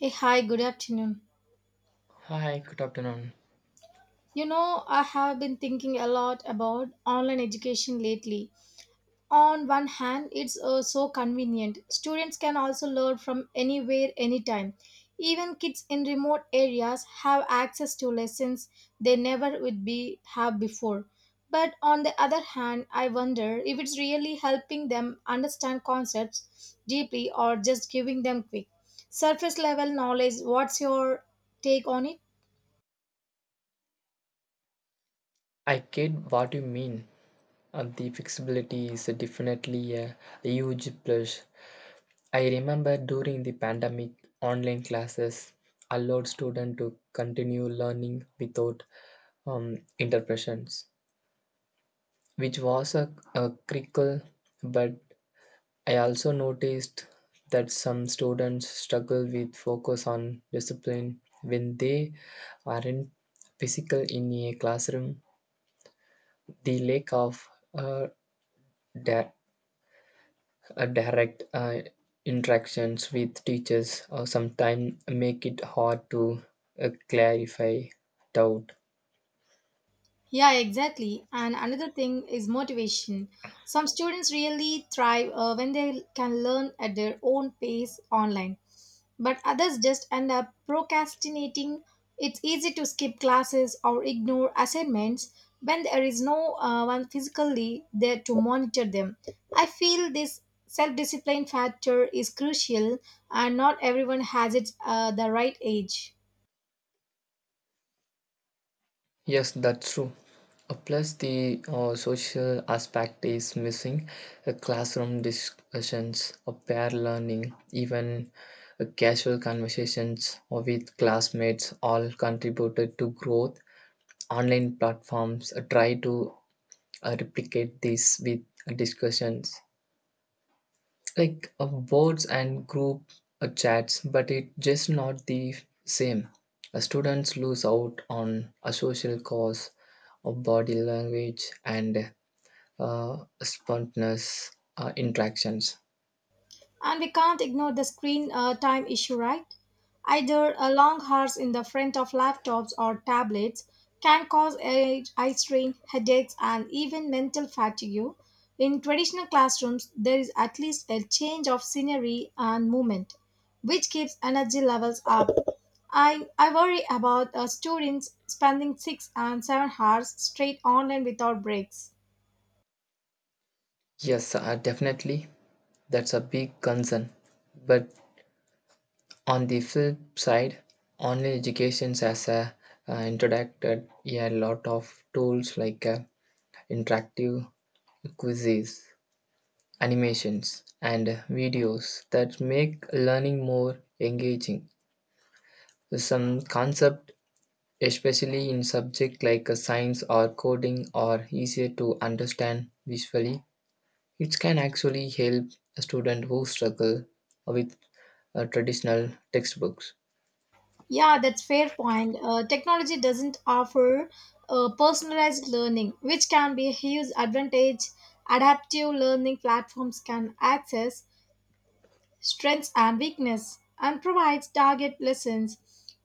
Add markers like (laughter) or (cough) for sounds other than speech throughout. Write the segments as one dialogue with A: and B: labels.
A: Hey, hi, good afternoon.
B: Hi, good afternoon.
A: You know, I have been thinking a lot about online education lately. On one hand, it's so convenient. Students can also learn from anywhere, anytime. Even kids in remote areas have access to lessons they never would be have before. But on the other hand, I wonder if it's really helping them understand concepts deeply or just giving them quick surface level knowledge. What's your take on it?
B: I get what you mean. The flexibility is definitely a huge plus. I remember during the pandemic, online classes allowed students to continue learning without interruptions, which was a critical. But I also noticed that some students struggle with focus on discipline when they aren't physical in a classroom. The lack of uh, di- direct interactions with teachers sometimes make it hard to clarify doubt.
A: Yeah, exactly. And another thing is motivation. Some students really thrive when they can learn at their own pace online, but others just end up procrastinating. It's easy to skip classes or ignore assignments when there is no one physically there to monitor them. I feel this self discipline factor is crucial, and not everyone has it the right age.
B: Yes, that's true. Plus, the social aspect is missing. Classroom discussions, pair learning, even casual conversations with classmates all contributed to growth. Online platforms try to replicate this with discussions like boards and group chats, but it's just not the same. Students lose out on a social cause of body language and uh, spontaneous interactions.
A: And we can't ignore the screen time issue, right? Either a long hours in the front of laptops or tablets can cause age, eye strain, headaches, and even mental fatigue. In traditional classrooms, there is at least a change of scenery and movement, which keeps energy levels up. I worry about students spending 6 and 7 hours straight online without breaks.
B: Yes, definitely, that's a big concern. But on the flip side, online education has introduced a lot of tools like interactive quizzes, animations, and videos that make learning more engaging. Some concepts, especially in subjects like science or coding, are easier to understand visually. It can actually help a student who struggle with traditional textbooks.
A: Yeah, that's fair point. Technology doesn't offer personalized learning, which can be a huge advantage. Adaptive learning platforms can access strengths and weakness and provides target lessons.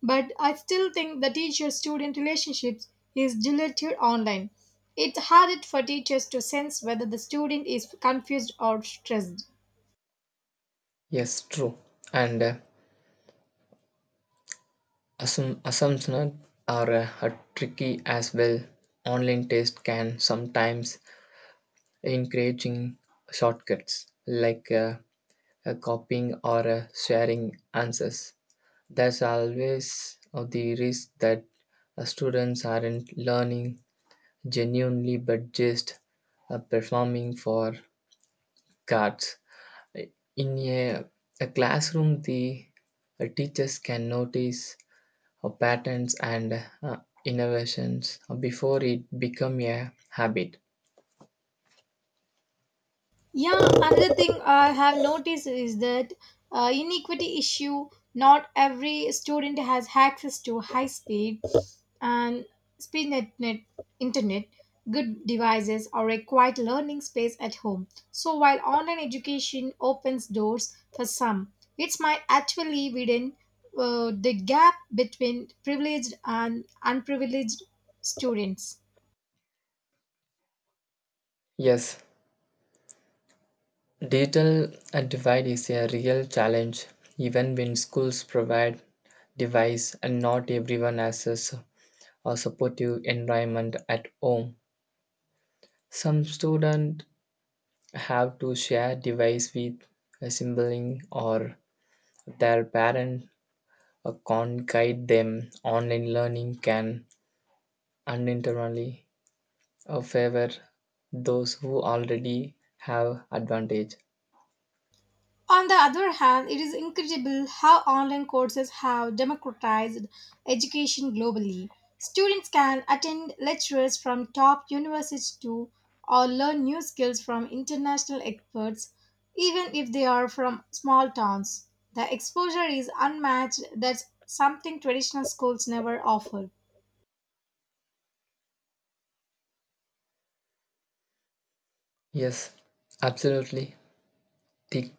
A: But I still think the teacher-student relationships is diluted online. It's harder for teachers to sense whether the student is confused or stressed.
B: Yes, true. And assumptions are tricky as well. Online tests can sometimes encouraging shortcuts, like copying or sharing answers. There's always the risk that students aren't learning genuinely but just performing for cards. In a classroom, the teachers can notice patterns and innovations before it become a habit.
A: Yeah, another thing I have noticed is that inequity issue. Not every student has access to high speed and speed net, net internet, good devices, or a quiet learning space at home. So while online education opens doors for some, it might actually widen the gap between privileged and unprivileged students.
B: Yes, digital divide is a real challenge, even when schools provide device, and not everyone has a supportive environment at home. Some students have to share device with a sibling, or their parent can't guide them. Online learning can unintentionally favor those who already have advantage.
A: On the other hand, it is incredible how online courses have democratized education globally. Students can attend lectures from top universities too, or learn new skills from international experts, even if they are from small towns. The exposure is unmatched, that's something traditional schools never offer.
B: Yes, absolutely. The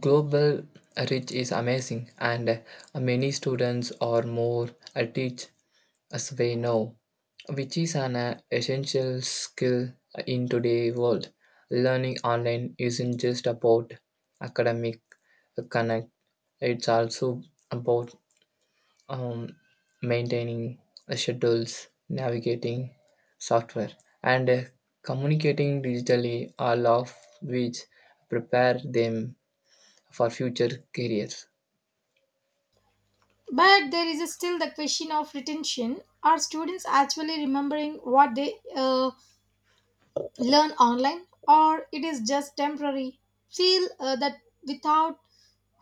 B: global reach is amazing, and many students are more teach, as we know, which is an essential skill in today's world. Learning online isn't just about academic connect; it's also about um, maintaining schedules, navigating software, and communicating digitally, all of which prepare them for future careers.
A: But there is still the question of retention. Are students actually remembering what they learn online or it is just temporary feel that without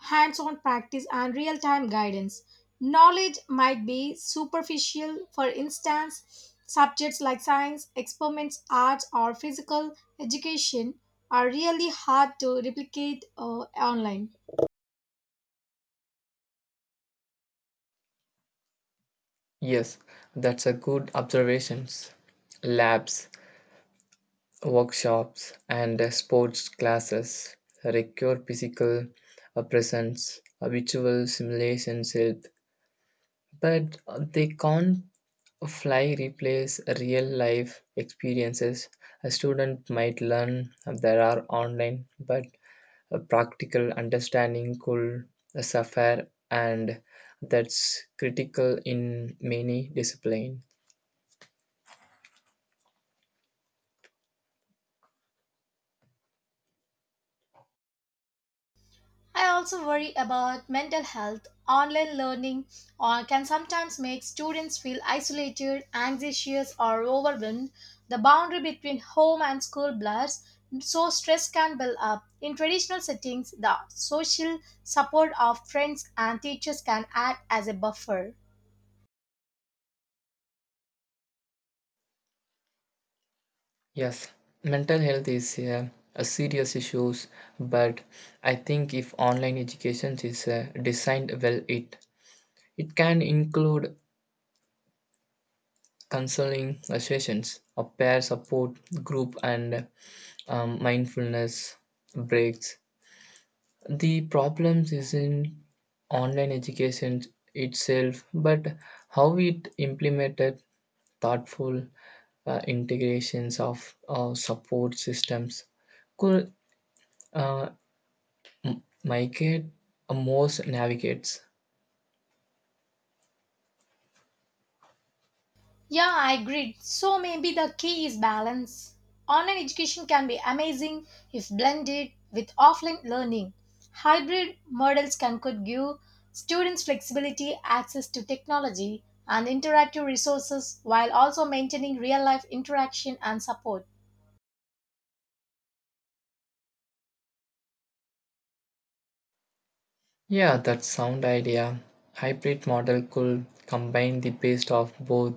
A: hands-on practice and real-time guidance knowledge might be superficial. For instance, subjects like science experiments, arts, or physical education are really hard to replicate online.
B: Yes, that's a good observations. Labs, workshops, and sports classes require physical presence. Visual simulations help, but they can't fly replace real life experiences. A student might learn there are online, but a practical understanding could suffer, and that's critical in many disciplines.
A: I also worry about mental health. Online learning can sometimes make students feel isolated, anxious, or overwhelmed. The boundary between home and school blurs, so stress can build up. In traditional settings, the social support of friends and teachers can act as a buffer.
B: Yes, mental health is a serious issues, but I think if online education is designed well, it can include counseling sessions, a peer support group, and mindfulness breaks. The problems isn't online education itself, but how it implemented. Thoughtful integrations of support systems could uh, migrate a most navigates.
A: Yeah, I agree. So maybe the key is balance. Online education can be amazing if blended with offline learning. Hybrid models can could give students flexibility, access to technology, and interactive resources while also maintaining real life interaction and support.
B: Yeah, that sound idea. Hybrid model could combine the best of both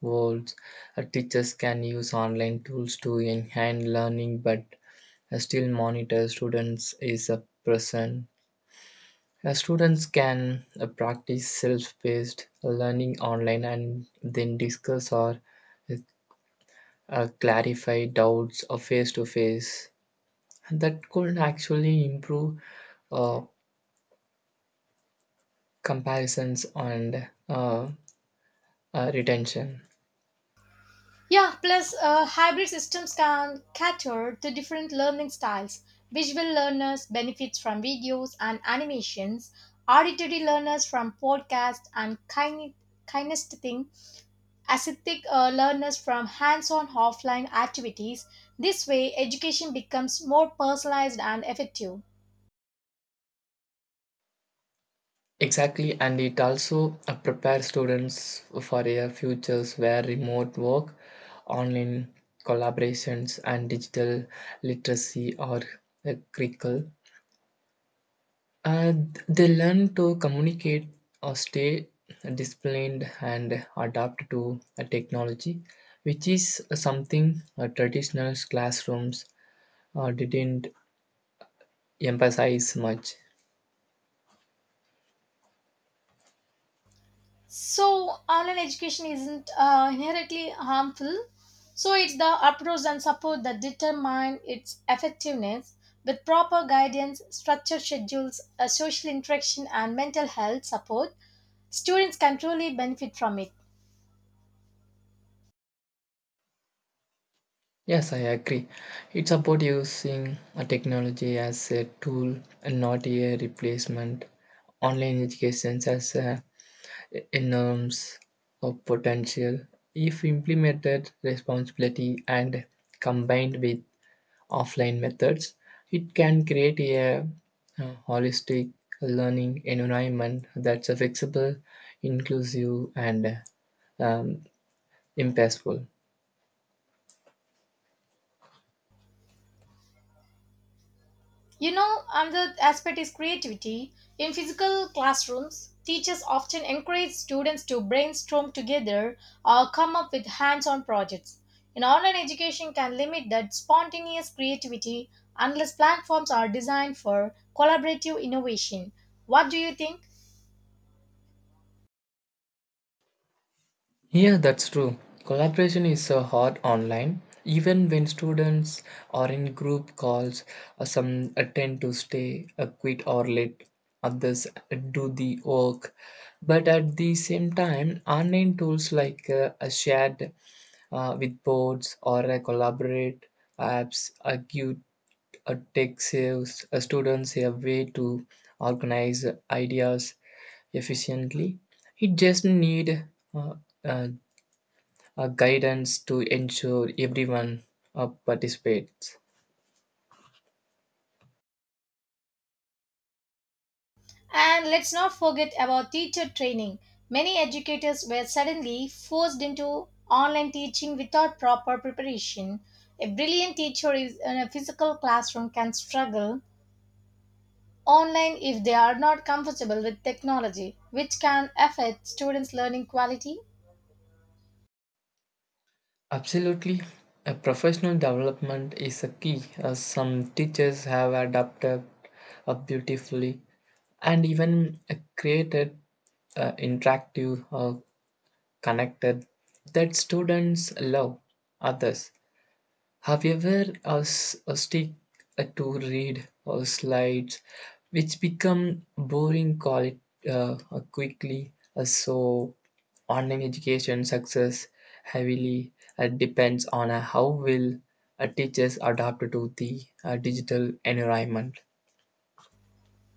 B: worlds. Teachers can use online tools to enhance learning, but still monitor students is a present. Students can practice self-paced learning online and then discuss or uh, clarify doubts or face to face. That could actually improve uh, comparisons and retention.
A: Yeah, plus hybrid systems can cater to different learning styles. Visual learners benefit from videos and animations, auditory learners from podcasts and kinesthetic, aesthetic learners from hands-on offline activities. This way, education becomes more personalized and effective.
B: Exactly, and it also prepares students for a futures where remote work, online collaborations, and digital literacy are critical. They learn to communicate or stay disciplined and adapt to technology, which is something traditional classrooms didn't emphasize much.
A: So, online education isn't inherently harmful. So, it's the approach and support that determine its effectiveness. With proper guidance, structured schedules, social interaction, and mental health support, students can truly benefit from it.
B: Yes, I agree. It's about using a technology as a tool and not a replacement. Online education has a enormous of potential if implemented responsibility and combined with offline methods. It can create a holistic learning environment that's flexible, inclusive, and um, impactful.
A: You know, another aspect is creativity. In physical classrooms, teachers often encourage students to brainstorm together or come up with hands on projects. In online education, can limit that spontaneous creativity unless platforms are designed for collaborative innovation. What do you think?
B: Yeah, that's true. Collaboration is hard online. Even when students are in group calls, some tend to stay, quit or late. Others do the work. But at the same time, online tools like a shared with boards or a collaborate apps give tech saves students a way to organize ideas efficiently. It just need uh, uh, guidance to ensure everyone participates.
A: And let's not forget about teacher training. Many educators were suddenly forced into online teaching without proper preparation. A brilliant teacher is in a physical classroom can struggle online if they are not comfortable with technology, which can affect students' learning quality.
B: Absolutely. A professional development is a key. Some teachers have adapted beautifully and even created interactive connected that students love. Others have you ever us a stick to read or slides, which become boring, call it quickly. So online education success heavily depends on how will teachers adapt to the digital environment.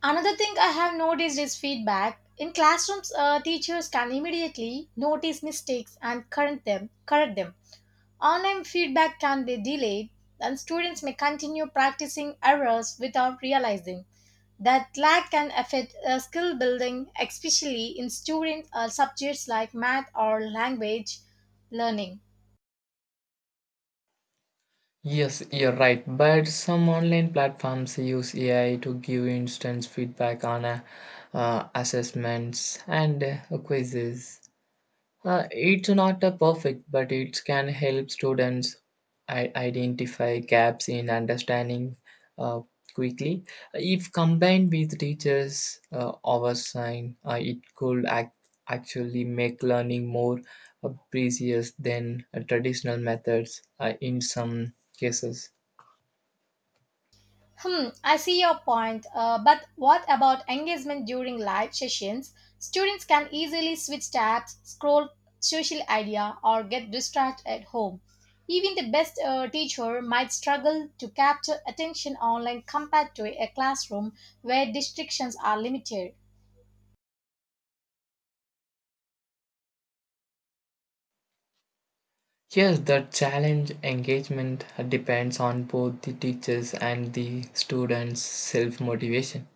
A: Another thing I have noticed is feedback. In classrooms, teachers can immediately notice mistakes and correct them. Online feedback can be delayed, and students may continue practicing errors without realizing that lag can affect skill building, especially in student subjects like math or language learning.
B: Yes, you're right. But some online platforms use AI to give instant feedback on assessments and quizzes. It's not a perfect, but it can help students identify gaps in understanding uh, quickly. If combined with teachers' oversight, it could actually make learning more precise than traditional methods in some cases.
A: Hmm, I see your point. But what about engagement during live sessions? Students can easily switch tabs, scroll social media, or get distracted at home. Even the best teacher might struggle to capture attention online compared to a classroom where distractions are limited.
B: Yes, the challenge engagement depends on both the teachers and the students' self motivation.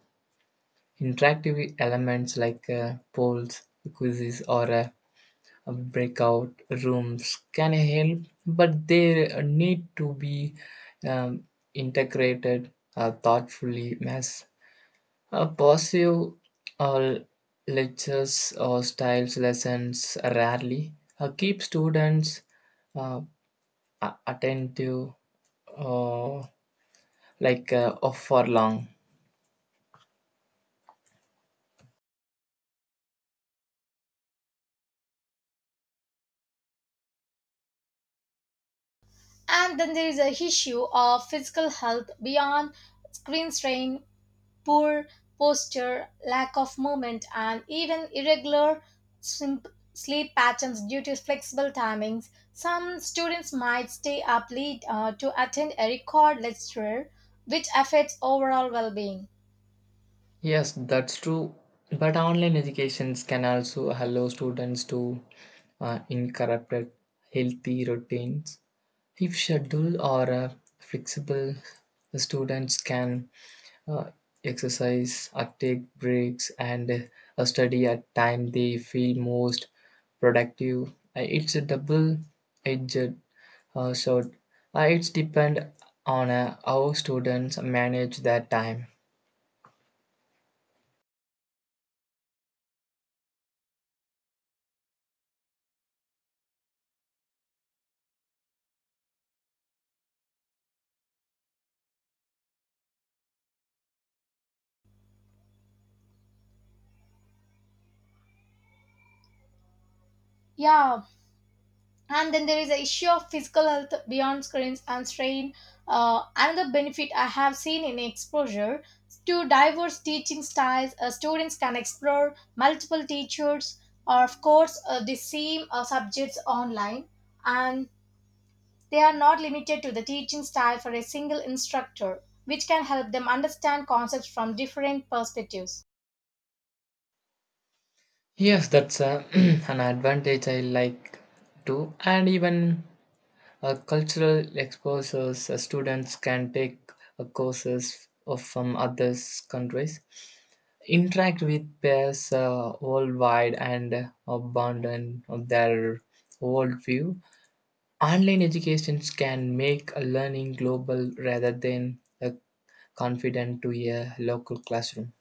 B: Interactive elements like polls, quizzes, or breakout rooms can help, but they need to be um, integrated thoughtfully, as passive or lectures or styles lessons rarely keep students uh, attentive uh, like for long.
A: And then there is a issue of physical health beyond screen strain. Poor posture, lack of movement, and even irregular sim- sleep patterns due to flexible timings. Some students might stay up late to attend a record lecture, which affects overall well being.
B: Yes, that's true. But online educations can also allow students to incorporate healthy routines. If schedule or flexible, the students can uh, exercise, take breaks, and study at time they feel most productive. It's a double-edged sword. It's depend on how students manage their time.
A: Yeah, and then there is the issue of physical health beyond screens and strain. Another benefit I have seen in exposure to diverse teaching styles. Students can explore multiple teachers or of course the same subjects online, and they are not limited to the teaching style for a single instructor, which can help them understand concepts from different perspectives.
B: Yes, that's a, (clears throat) an advantage I like too. And even cultural exposures, students can take courses of, from other countries, interact with peers worldwide, and abandon their worldview. Online educations can make a learning global rather than confident to a local classroom.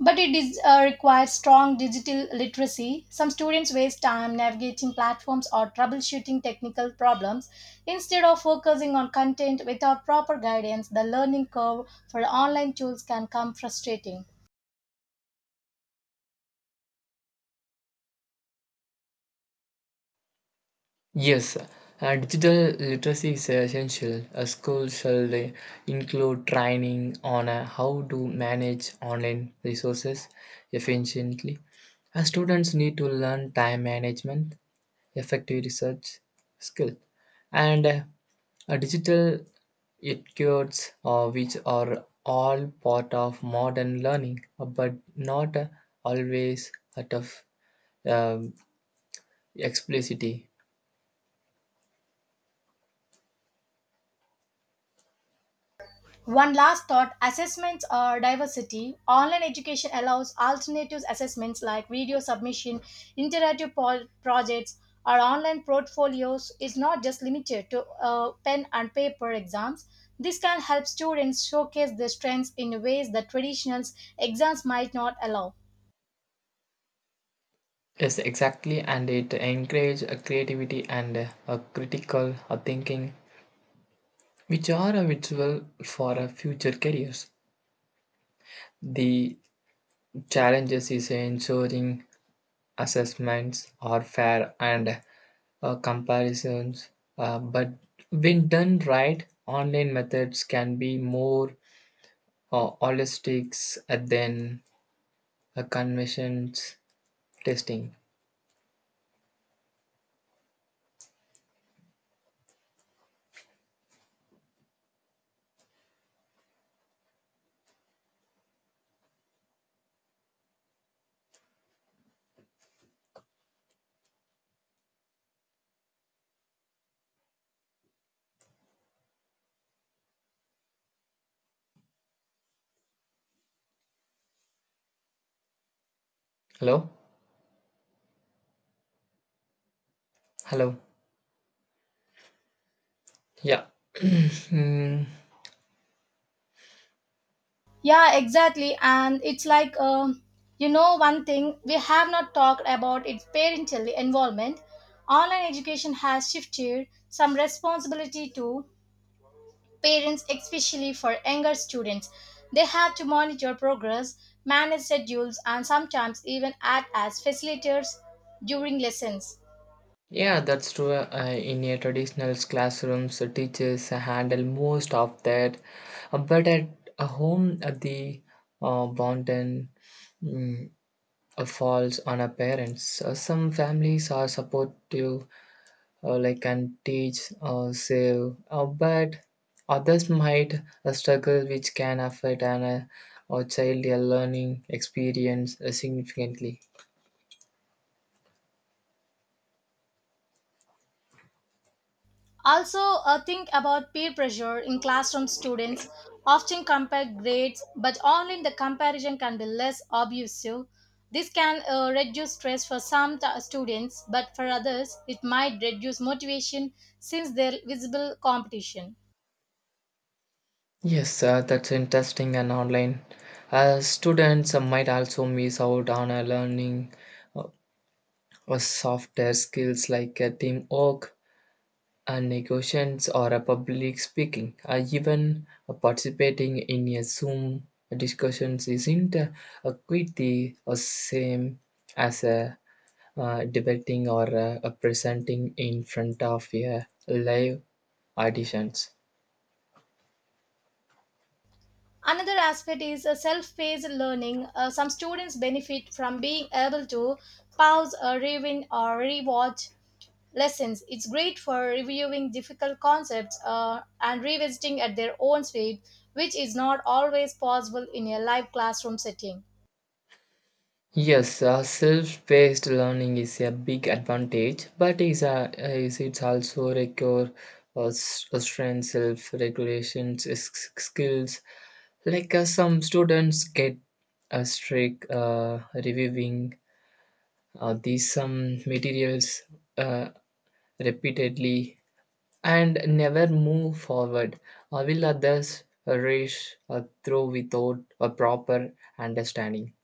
A: But it is, requires strong digital literacy. Some students waste time navigating platforms or troubleshooting technical problems. Instead of focusing on content without proper guidance, the learning curve for online tools can come frustrating.
B: Yes, digital literacy is essential. A school should include training on how to manage online resources efficiently. Students need to learn time management, effective research skill, and a digital etiquettes, which are all part of modern learning, but not always out of um, explicitly.
A: One last thought, assessments are diversity. Online education allows alternative assessments like video submission, interactive projects, or online portfolios, is not just limited to pen and paper exams. This can help students showcase their strengths in ways that traditional exams might not allow.
B: Yes, exactly, and it encourages creativity and a critical thinking, which are a virtual for future careers. The challenges is ensuring assessments are fair and comparisons, but when done right, online methods can be more holistic than conventions testing. Hello, hello, yeah. (clears throat) Hmm.
A: Yeah, exactly. And it's like, one thing we have not talked about is parental involvement. Online education has shifted some responsibility to parents, especially for younger students. They have to monitor progress, manage schedules, and sometimes even act as facilitators during lessons.
B: Yeah, that's true. In a traditional classrooms, teachers handle most of that. But at a home, the burden mm, falls on our parents. Some families are supportive, like can teach, save, but others might struggle, which can affect an a child learning experience significantly.
A: Also, think about peer pressure in classroom. Students often compare grades, but online the comparison can be less obtrusive. This can reduce stress for some students, but for others, it might reduce motivation since there is visible competition.
B: Yes, that's interesting, and online, students might also miss out on learning uh, softer skills like teamwork, negotiations, or public speaking. Even participating in a Zoom discussions isn't quite the same as debating or presenting in front of a live audience.
A: Another aspect is self-paced learning. Some students benefit from being able to pause, rewind, or rewatch lessons. It's great for reviewing difficult concepts and revisiting at their own speed, which is not always possible in a live classroom setting.
B: Yes, self-paced learning is a big advantage, but is a is it's also require strength, self-regulation skills. Like some students get a strict reviewing these some materials uh, repeatedly and never move forward. Will others rush through without a proper understanding?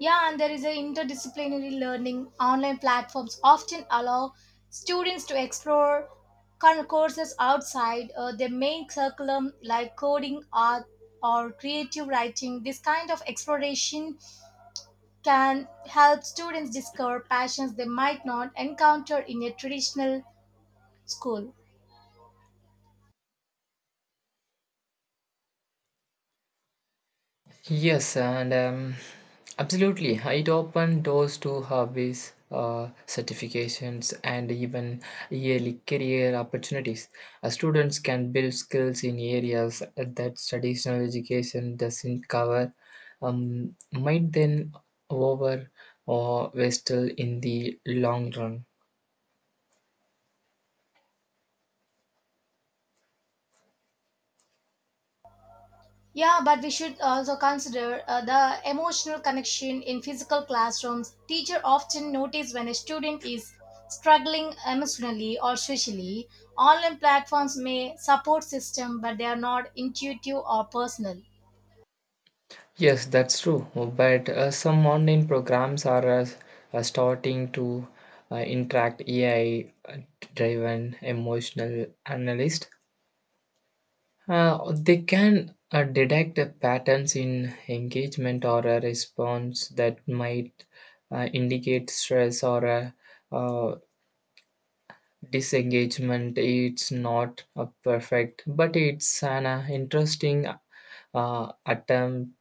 A: Yeah, and there is a interdisciplinary learning. Online platforms often allow students to explore courses outside their main curriculum, like coding, art, or creative writing. This kind of exploration can help students discover passions they might not encounter in a traditional school.
B: Yes, and absolutely. It opened doors to hobbies, certifications, and even yearly career opportunities. Students can build skills in areas that traditional education doesn't cover, might then over or waste in the long run.
A: Yeah, but we should also consider the emotional connection in physical classrooms. Teacher often notice when a student is struggling emotionally or socially. Online platforms may support system, but they are not intuitive or personal.
B: Yes, that's true. But some online programs are starting to interact AI-driven emotional analyst. They can detect patterns in engagement or a response that might indicate stress or a, uh, disengagement. It's not a perfect, but it's an interesting attempt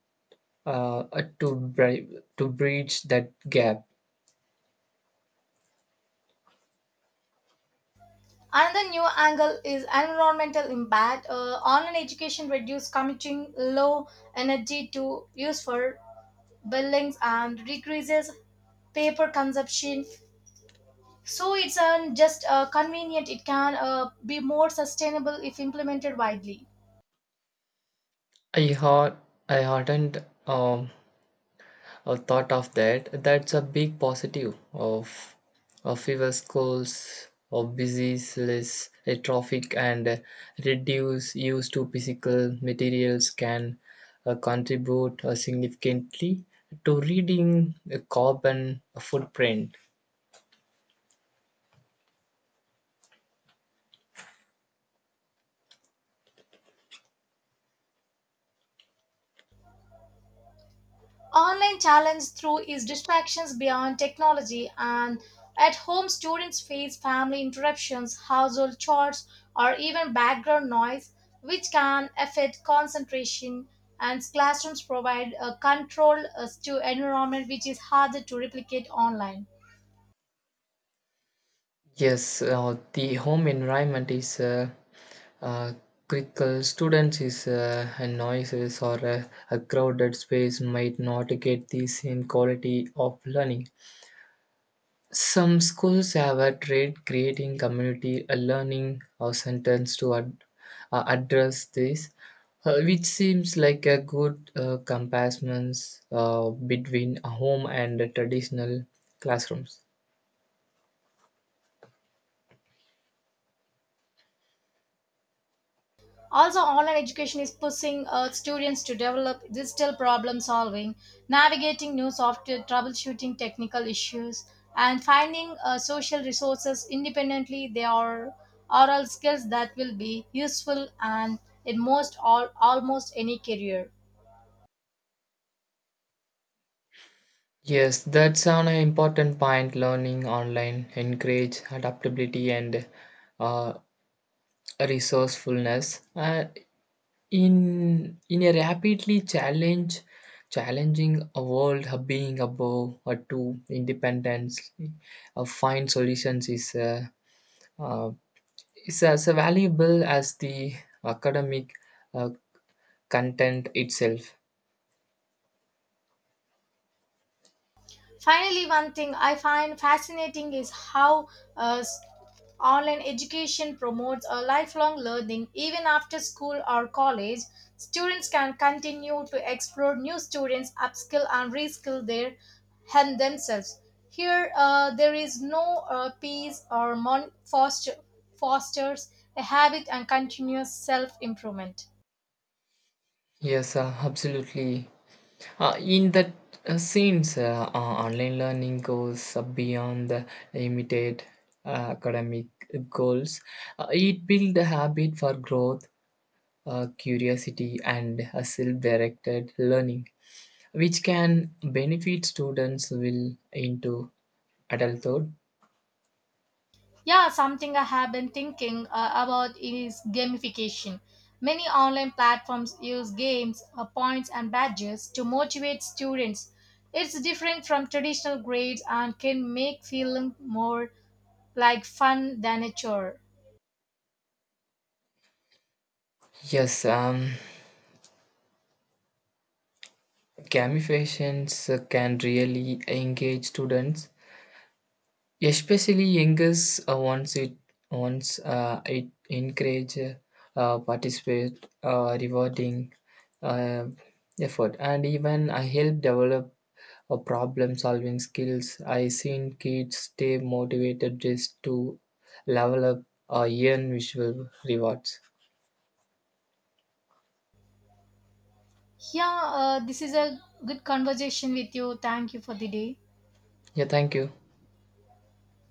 B: uh, to bridge that gap.
A: Another new angle is environmental impact. Online education reduces commuting, low energy to use for buildings, and decreases paper consumption. So it's just convenient. It can be more sustainable if implemented widely.
B: I had I hadn't um, thought of that. That's a big positive of fewer schools of disease, less traffic, and reduce use to physical materials can contribute significantly to reading the carbon footprint.
A: Online challenge through is distractions beyond technology, and at home students face family interruptions, household chores, or even background noise, which can affect concentration. And classrooms provide a controlled environment which is harder to replicate online.
B: Yes, the home environment is uh, critical. Students is a noises or a crowded space might not get the same quality of learning. Some schools have a trade creating community a learning or sentence to address this, which seems like a good comparison between a home and a traditional classrooms.
A: Also, online education is pushing students to develop digital problem solving, navigating new software, troubleshooting technical issues, and finding social resources independently. They are oral skills that will be useful and in most all almost any career.
B: Yes, that's an important point. Learning online encourage adaptability and uh, resourcefulness. In a rapidly challenge challenging a world, being above or to independence, find solutions is uh, as valuable as the academic uh, content itself.
A: Finally, one thing I find fascinating is how uh, s- online education promotes a lifelong learning even after school or college. Students can continue to explore new students, upskill and reskill their and themselves. Here, there is no peace or fosters a habit and continuous self improvement.
B: Yes, absolutely. In that scenes, online learning goes beyond the immediate academic goals. It builds a habit for growth, curiosity, and self-directed learning, which can benefit students will into adulthood.
A: Yeah, something I have been thinking about is gamification. Many online platforms use games, points, and badges to motivate students. It's different from traditional grades and can make feeling more like fun than a chore.
B: Yes, gamifications can really engage students, especially youngers. Once it encourage participate rewarding uh, effort, and even I help develop a problem solving skills. I seen kids stay motivated just to level up or earn visual rewards.
A: Yeah, this is a good conversation with you. Thank you for the day.
B: Yeah, thank you.